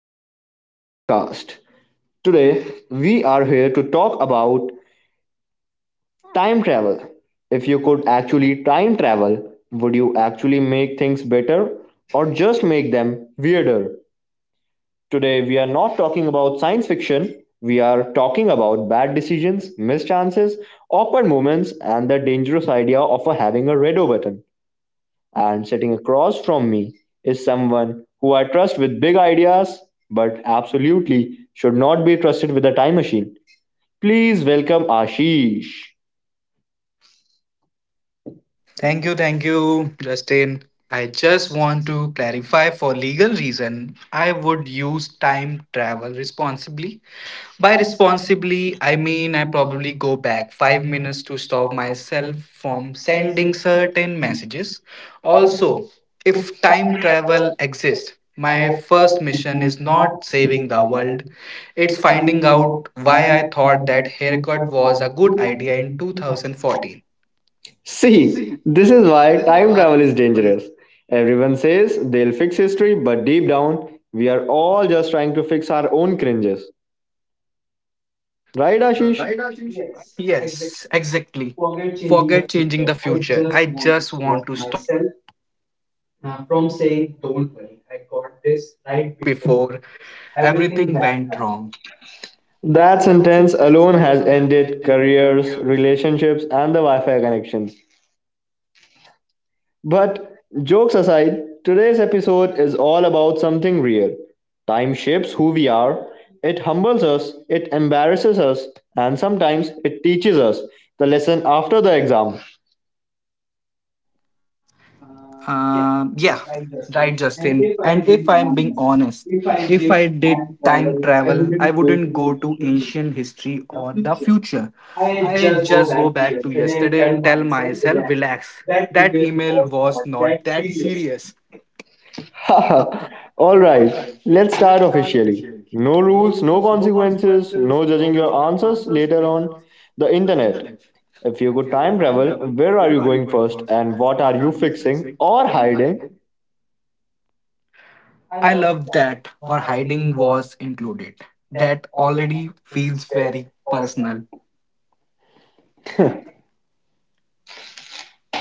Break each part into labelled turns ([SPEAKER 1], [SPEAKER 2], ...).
[SPEAKER 1] and welcome to our podcast. Today we are here to talk about time travel. If you could actually time travel, would you actually make things better or just make them weirder? Today we are not talking about science fiction. We are talking about bad decisions, mischances, awkward moments and the dangerous idea of having a redo button. And sitting across from me is someone who I trust with big ideas, but absolutely should not be trusted with a time machine. Please welcome Ashish.
[SPEAKER 2] Thank you, Justin. I just want to clarify for legal reason, I would use time travel responsibly. By responsibly, I mean I probably go back 5 minutes to stop myself from sending certain messages. Also, if time travel exists, my first mission is not saving the world, it's finding out why I thought that haircut was a good idea in 2014. See,
[SPEAKER 1] See,
[SPEAKER 2] this
[SPEAKER 1] this is
[SPEAKER 2] is
[SPEAKER 1] why time
[SPEAKER 2] time
[SPEAKER 1] travel
[SPEAKER 2] travel,
[SPEAKER 1] is
[SPEAKER 2] is
[SPEAKER 1] dangerous. Everyone says they'll fix history, but deep down, we are all just trying to fix our own cringes. Right, Ashish?
[SPEAKER 2] right, Ashish? Yes, exactly. Forget changing the future. I just
[SPEAKER 3] Before everything went wrong.
[SPEAKER 1] That sentence alone has ended careers, relationships, and the Wi Fi connections. But jokes aside, today's episode is all about something real. Time shapes who we are, it humbles us, it embarrasses us, and sometimes it teaches us the lesson after the exam.
[SPEAKER 3] Um, yeah, right, Justin. And if I am being honest, if I did time travel, I wouldn't go to ancient history or the future. I just go back to yesterday and tell myself, relax. That email was not that serious.
[SPEAKER 1] Alright, let's start officially. No rules, no consequences, no judging your answers later on. The internet. If you could time travel, where are you going first and what are you fixing or hiding?
[SPEAKER 3] I love that or hiding was included. That already feels very personal.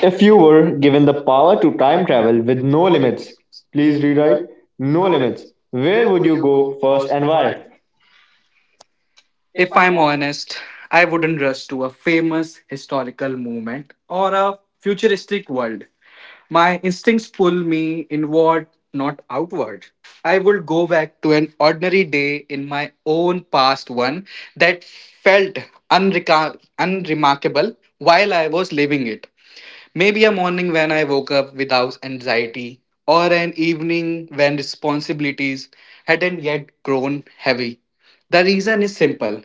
[SPEAKER 1] If you were given the power to time travel with no limits, please rewrite no limits. Where would you go first and why?
[SPEAKER 3] If I'm honest, I wouldn't rush to a famous historical movement or a futuristic world. My instincts pull me inward, not outward. I would go back to an ordinary day in my own past one that felt unremarkable while I was living it. Maybe a morning when I woke up without anxiety, or an evening when responsibilities hadn't yet grown heavy. The reason is simple.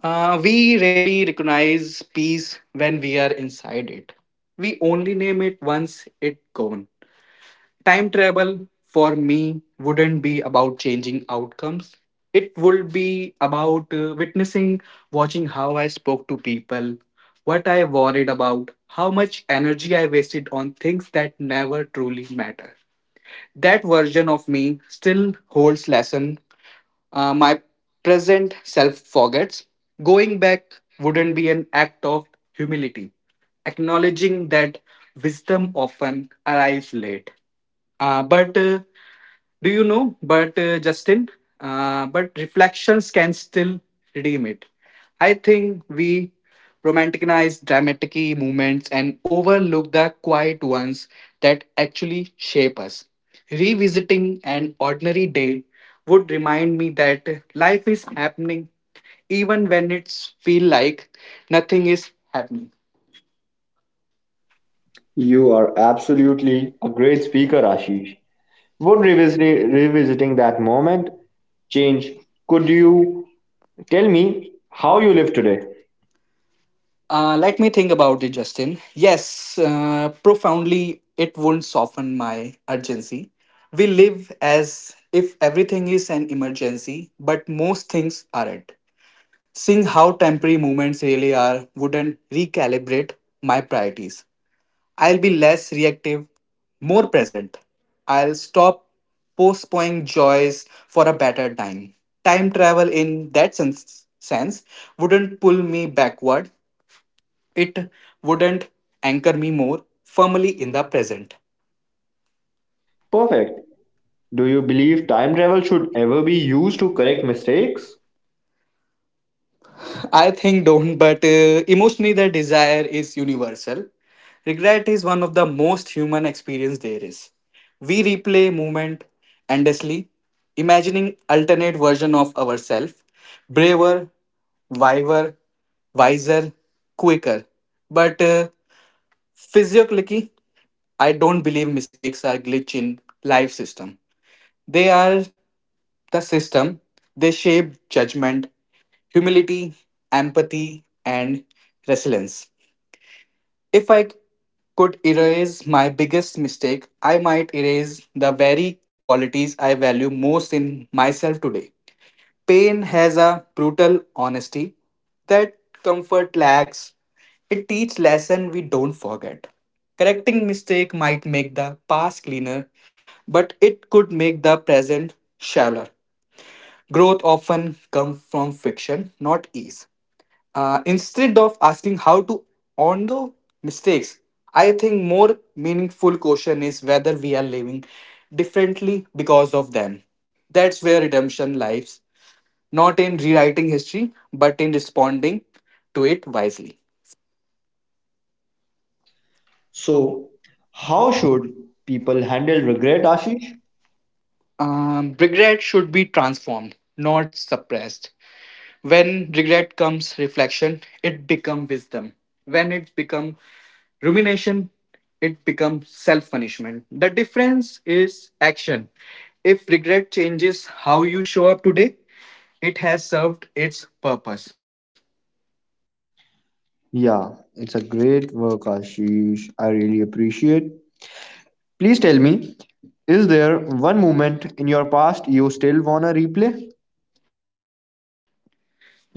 [SPEAKER 3] We rarely recognize peace when we are inside it. We only name it once it's gone. Time travel for me wouldn't be about changing outcomes. It would be about witnessing, watching how I spoke to people, what I worried about, how much energy I wasted on things that never truly matter. That version of me still holds lesson. My present self forgets. Going back wouldn't be an act of humility, acknowledging that wisdom often arrives late. But do you know, but Justin, but reflections can still redeem it. I think we romanticize dramatic moments and overlook the quiet ones that actually shape us. Revisiting an ordinary day would remind me that life is happening even when it's feel like nothing is happening.
[SPEAKER 1] You are absolutely a great speaker, Ashish. Would revisiting that moment change? Could you tell me how you live today?
[SPEAKER 3] Let me think about it, Justin. Yes, profoundly, it won't soften my urgency. We live as if everything is an emergency, but most things aren't. Seeing how temporary moments really are wouldn't recalibrate my priorities. I'll be less reactive, more present. I'll stop postponing joys for a better time. Time travel, in that sense, wouldn't pull me backward. It wouldn't anchor me more firmly in the present.
[SPEAKER 1] Perfect. Do you believe time travel should ever be used to correct mistakes?
[SPEAKER 3] I think don't, but emotionally, the desire is universal. Regret is one of the most human experience there is. We replay movement endlessly, imagining alternate version of ourselves, braver, wiser, wiser, quicker. But Physiologically, I don't believe mistakes are glitch in life system. They are the system. They shape judgment, humility, empathy, and resilience. If I could erase my biggest mistake, I might erase the very qualities I value most in myself today. Pain has a brutal honesty that comfort lacks. It teaches lesson we don't forget. Correcting mistake might make the past cleaner, but it could make the present shallower. Growth often comes from friction, not ease. Instead of asking how to undo mistakes, I think more meaningful question is whether we are living differently because of them. That's where redemption lies, not in rewriting history, but in responding to it wisely.
[SPEAKER 1] So, how should people handle regret, Ashish?
[SPEAKER 3] Regret should be transformed, not suppressed. When regret comes reflection, it becomes wisdom. When it becomes rumination, it becomes self punishment. The difference is action. If regret changes how you show up today, it has served its purpose.
[SPEAKER 1] Yeah, it's a great work, Ashish. I really appreciate. Please tell me, is there one moment in your past you still wanna replay?
[SPEAKER 3] Let me think about that.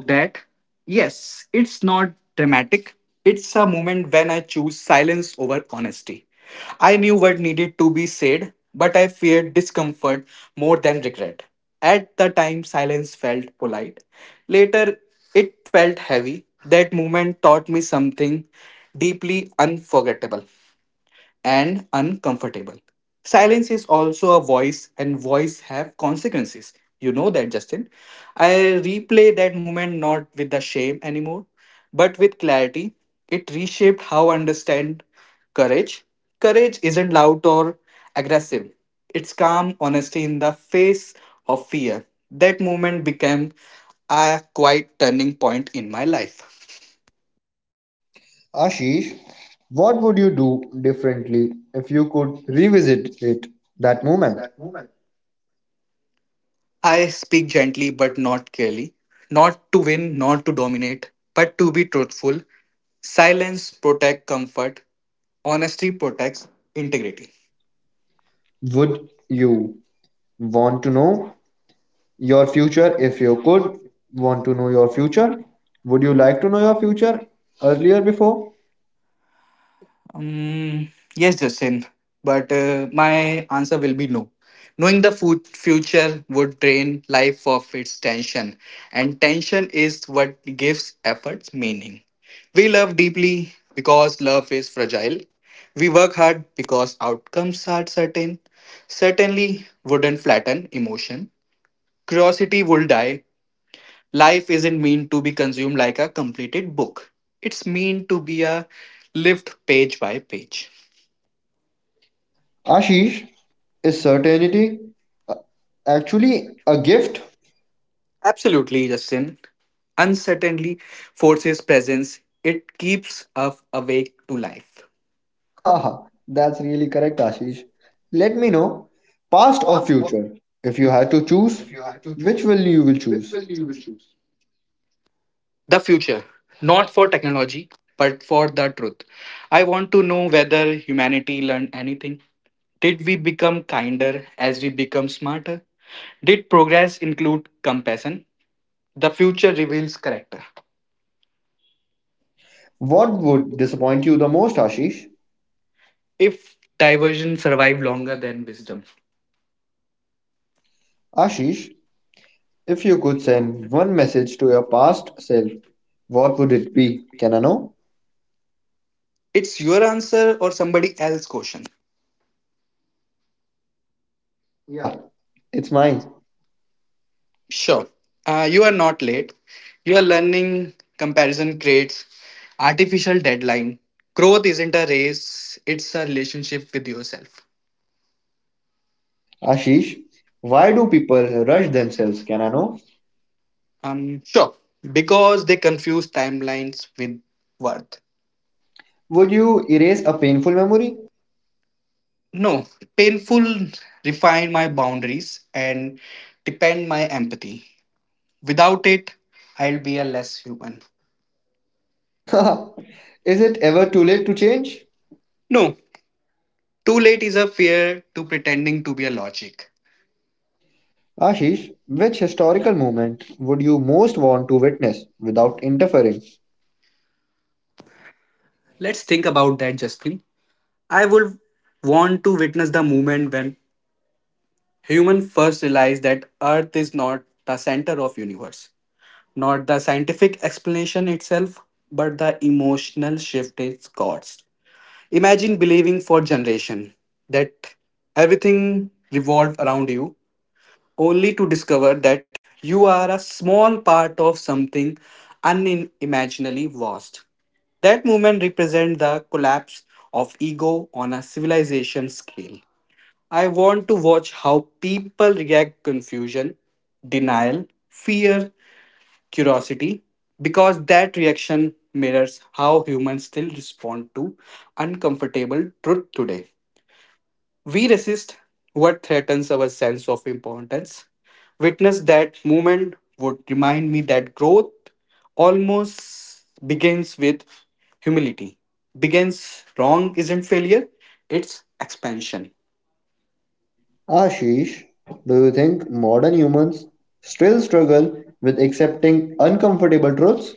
[SPEAKER 3] Yes, it's not dramatic. It's a moment when I choose silence over honesty. I knew what needed to be said, but I feared discomfort more than regret. At the time, silence felt polite. Later, it felt heavy. That moment taught me something deeply unforgettable and uncomfortable. Silence is also a voice and voice have consequences. You know that Justin. I replay that moment not with the shame anymore, but with clarity. It reshaped how I understand courage. Courage isn't loud or aggressive. It's calm honesty in the face of fear. That moment became a quite turning point in my life.
[SPEAKER 1] Ashish, what would you do differently if you could revisit it? That moment,
[SPEAKER 3] I speak gently but not clearly, not to win, not to dominate, but to be truthful. Silence protects comfort, honesty protects integrity.
[SPEAKER 1] would you want to know your future? If you could want to know your future, would you like to know your future earlier before?
[SPEAKER 3] Um, yes, Justin, but my answer will be no. Knowing the food future would drain life of its tension, and tension is what gives efforts meaning. We love deeply because love is fragile. We work hard because outcomes are certain. Certainly wouldn't flatten emotion. Curiosity will die. Life isn't meant to be consumed like a completed book. It's meant to be a lived page by page.
[SPEAKER 1] Ashish, is certainty actually a gift?
[SPEAKER 3] Absolutely, Justin. Uncertainty forces presence, it keeps us awake to life.
[SPEAKER 1] Haha, that's really correct, Ashish. Let me know, past or future, if you had to choose, which will you will choose?
[SPEAKER 3] The future, not for technology, but for the truth. I want to know whether humanity learned anything. Did we become kinder as we become smarter? Did progress include compassion? The future reveals character.
[SPEAKER 1] What would disappoint you the most, Ashish?
[SPEAKER 3] If diversion survive longer than wisdom,
[SPEAKER 1] Ashish, if you could send one message to your past self, what would it be? Can I know?
[SPEAKER 3] it's your answer or somebody else's question.
[SPEAKER 1] Yeah, it's mine.
[SPEAKER 3] Sure. You are not late. Your learning comparison creates artificial deadline. Growth isn't a race, it's a relationship with yourself.
[SPEAKER 1] Ashish, why do people rush themselves? Can I know?
[SPEAKER 3] Sure. Because they confuse timelines with worth.
[SPEAKER 1] Would you erase a painful memory?
[SPEAKER 3] No, painful refine my boundaries and depend my empathy. Without it, I'll be a less human.
[SPEAKER 1] Haha, is it ever too late to change?
[SPEAKER 3] No, too late is a fear to pretending to be a logic.
[SPEAKER 1] Ashish, which historical moment would you most want to witness without interfering?
[SPEAKER 3] Let's think about that, Justin. I would want to witness the moment when human first realized that Earth is not the center of universe, not the scientific explanation itself, but the emotional shift it caused. Imagine believing for generation that everything revolved around you, only to discover that you are a small part of something unimaginably vast. That movement represents the collapse of ego on a civilization scale. I want to watch how people react confusion, denial, fear, curiosity because that reaction mirrors how humans still respond to uncomfortable truth today. We resist what threatens our sense of importance. Witness that moment would remind me that growth almost begins with humility. Begins wrong isn't failure, it's expansion.
[SPEAKER 1] Ashish, do you think modern humans still struggle with accepting uncomfortable truths?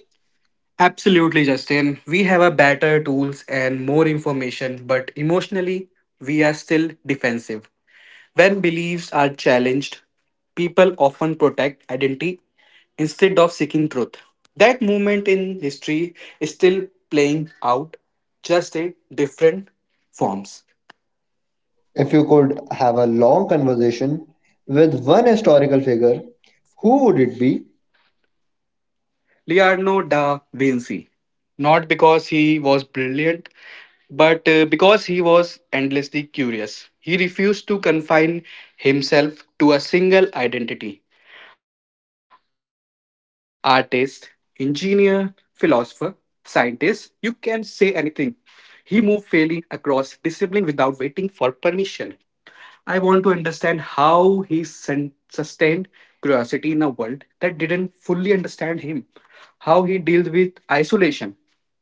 [SPEAKER 3] Absolutely, Justin. We have a better tools and more information, but emotionally, we are still defensive. When beliefs are challenged, people often protect identity instead of seeking truth. That movement in history is still playing out, just in different forms.
[SPEAKER 1] If you could have a long conversation with one historical figure, who would it be?
[SPEAKER 3] Leonardo da Vinci. Not because he was brilliant, but because he was endlessly curious. He refused to confine himself to a single identity artist, engineer, philosopher, scientist, you can say anything. He moved fairly across discipline without waiting for permission. I want to understand how he sustained curiosity in a world that didn't fully understand him, how he dealt with isolation,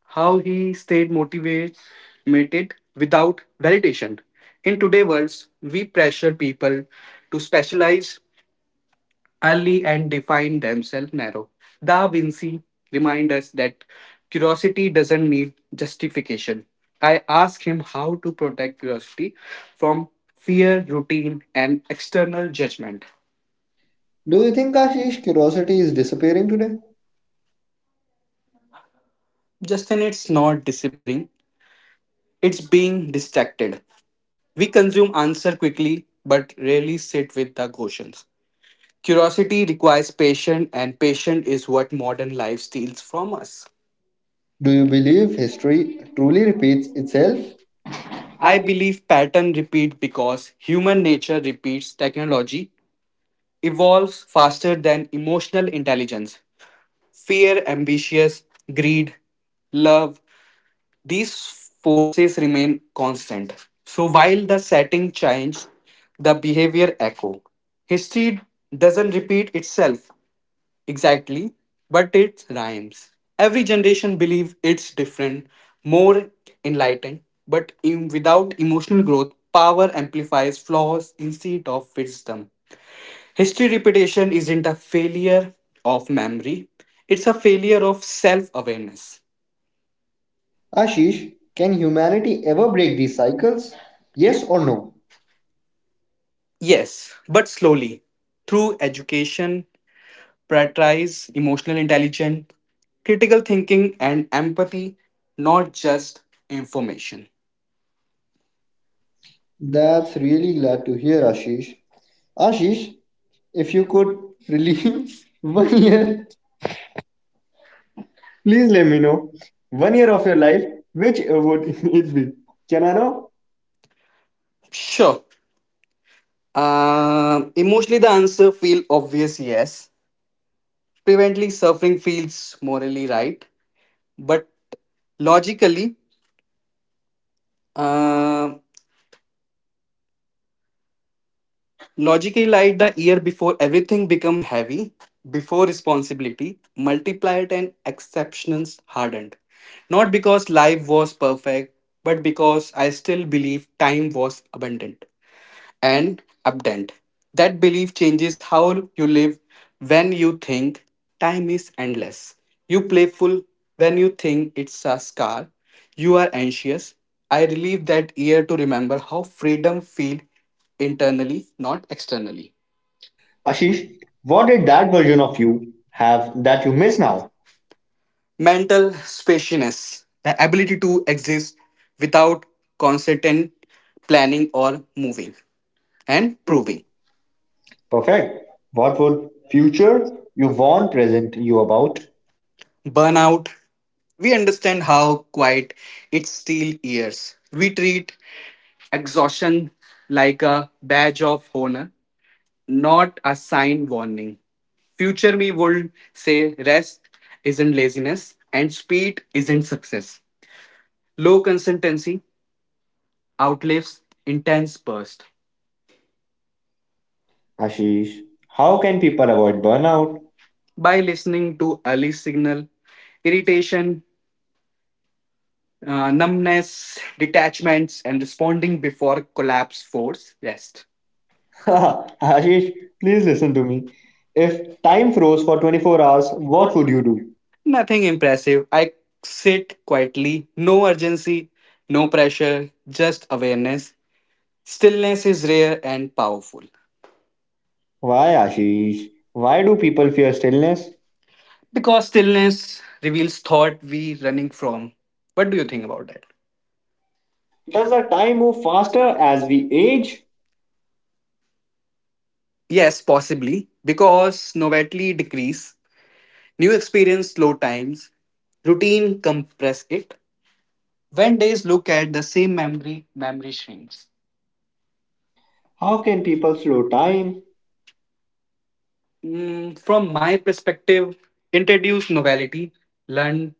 [SPEAKER 3] how he stayed motivated without validation. In today's world, we pressure people to specialize, early and define themselves narrow. Da Vinci reminds us that curiosity doesn't need justification. I ask him how to protect curiosity from fear, routine, and external judgment.
[SPEAKER 1] Do you think Ashish curiosity is disappearing today?
[SPEAKER 3] Justin, it's not disappearing, it's being distracted. We consume answer quickly but rarely sit with the questions. Curiosity requires patience, and patience is what modern life steals from us.
[SPEAKER 1] Do you believe history truly repeats itself?
[SPEAKER 3] I believe pattern repeat because human nature repeats technology evolves faster than emotional intelligence. Fear, ambitious, greed, love, these forces remain constant. So while the setting change, the behavior echo. History doesn't repeat itself. Exactly, but it rhymes. Every generation believe it's different, more enlightened, but in, without emotional growth, power amplifies flaws instead of wisdom. History repetition isn't a failure of memory, it's a failure of self awareness.
[SPEAKER 1] Ashish, can humanity ever break these cycles? Yes or no?
[SPEAKER 3] Yes, but slowly. Through education, prioritize emotional intelligence, critical thinking, and empathy, not just information.
[SPEAKER 1] That's really glad to hear, Ashish. Ashish, if you could relieve one year, please let me know. One year of your life, which would it be? Can I know?
[SPEAKER 3] Sure, emotionally, the answer feel obvious yes. Preventing suffering feels morally right, but logically, uh, like the year before everything become heavy, before responsibility multiplied and exceptions hardened. Not because life was perfect, but because I still believe time was abundant. And abundant. That belief changes how you live when you think time is endless. You playful when you think it's a scar. You are anxious. I relieve that year to remember how freedom feel internally, not externally.
[SPEAKER 1] Ashish, what did that version of you have that you miss now?
[SPEAKER 3] Mental spaciousness, the ability to exist without constant planning or moving and proving.
[SPEAKER 1] Perfect. What would future you warn present you about?
[SPEAKER 3] Burnout, we understand how quiet it still is. We treat exhaustion like a badge of honor, not a sign warning. Future me would say rest isn't laziness and speed isn't success. Low consistency outlives intense burst.
[SPEAKER 1] Ashish, how can people avoid burnout?
[SPEAKER 3] By listening to early signal, irritation, numbness, detachments, and responding before collapse force rest.
[SPEAKER 1] Ashish, please listen to me. If time froze for 24 hours, what would you do?
[SPEAKER 3] Nothing impressive. I sit quietly, no urgency, no pressure, just awareness. Stillness is rare and powerful
[SPEAKER 1] Why, Ashish? Why do people fear stillness?
[SPEAKER 3] because stillness reveals thought we running from. What do you think about that?
[SPEAKER 1] Does the time move faster as we age?
[SPEAKER 3] Yes, possibly because novelty decrease, new experience slow times, routine compress it. When days look at the same memory, memory shrinks.
[SPEAKER 1] How can people slow time?
[SPEAKER 3] From my perspective, introduce novelty, learn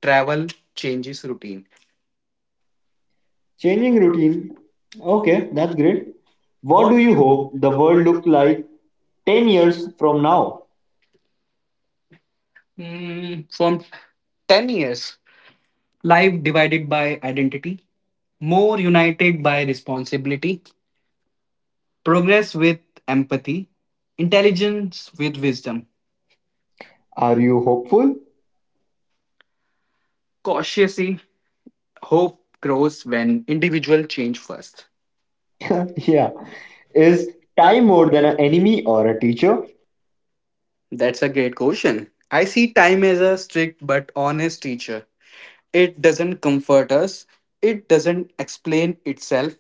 [SPEAKER 3] Travel changes routine.
[SPEAKER 1] Changing routine. Okay, that's great. What do you hope the world look like 10 years from now?
[SPEAKER 3] From 10 years. Life divided by identity. More united by responsibility. Progress with empathy. Intelligence with wisdom.
[SPEAKER 1] Are you hopeful?
[SPEAKER 3] Cautiously, hope grows when individual change first.
[SPEAKER 1] Yeah. Is time more than an enemy or a teacher?
[SPEAKER 3] That's a great question. I see time as a strict but honest teacher. It doesn't comfort us, it doesn't explain itself,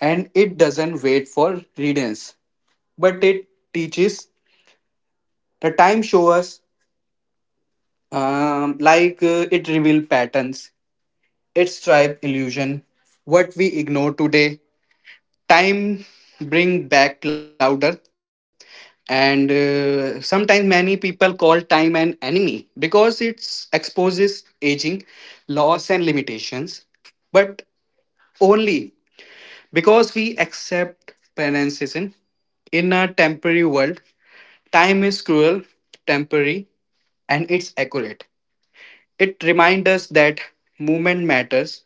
[SPEAKER 3] and it doesn't wait for readings. But it teaches. The time show us, it reveal patterns. It stripe illusion. What we ignore today, time bring back louder. And Sometimes many people call time an enemy because it exposes aging, loss, and limitations. But only Because we accept penances in a temporary world, time is cruel, temporary, and it's accurate. It reminds us that movement matters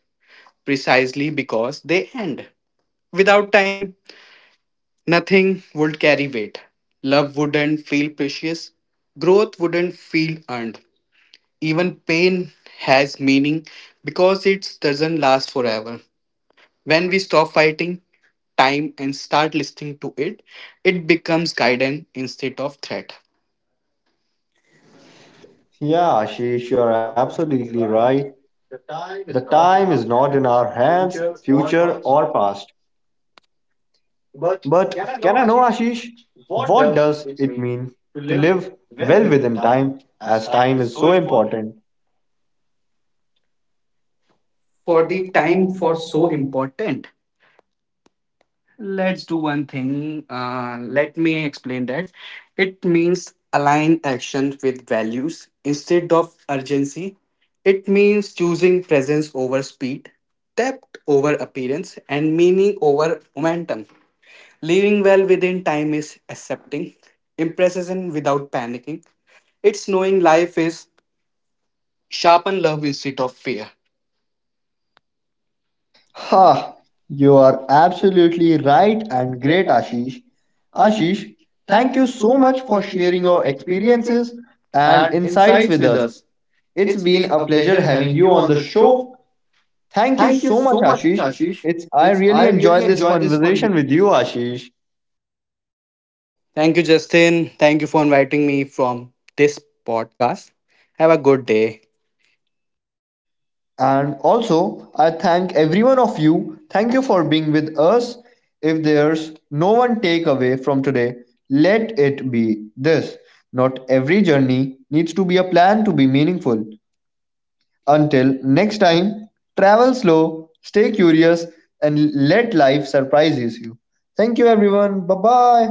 [SPEAKER 3] precisely because they end. Without time, nothing would carry weight. Love wouldn't feel precious. Growth wouldn't feel earned. Even pain has meaning because it doesn't last forever. When we stop fighting time and start listening to it, it becomes guidance instead of threat.
[SPEAKER 1] Yeah, Ashish, you are absolutely right. The time is not in our hands, future or past. But can I know, Ashish, what does it mean to live well within time as time is so important?
[SPEAKER 3] For the time for so important. Let's do one thing. Let me explain that. It means align action with values instead of urgency. It means choosing presence over speed, depth over appearance, and meaning over momentum. Living well within time is accepting imprecision without panicking. It's knowing life is sharpen love instead of fear.
[SPEAKER 1] Ha! You are absolutely right and great, Ashish. Ashish, thank you so much for sharing your experiences and insights with us. It's been a pleasure having you on the show. Thank you so much, Ashish. It's I really enjoyed this conversation with you, Ashish.
[SPEAKER 3] Thank you, Justin. Thank you for inviting me from this podcast. Have a good day.
[SPEAKER 1] And also, I thank everyone of you. Thank you for being with us. If there's no one takeaway from today, let it be this. Not every journey needs to be a plan to be meaningful. Until next time, travel slow, stay curious, and let life surprises you. Thank you, everyone. Bye bye.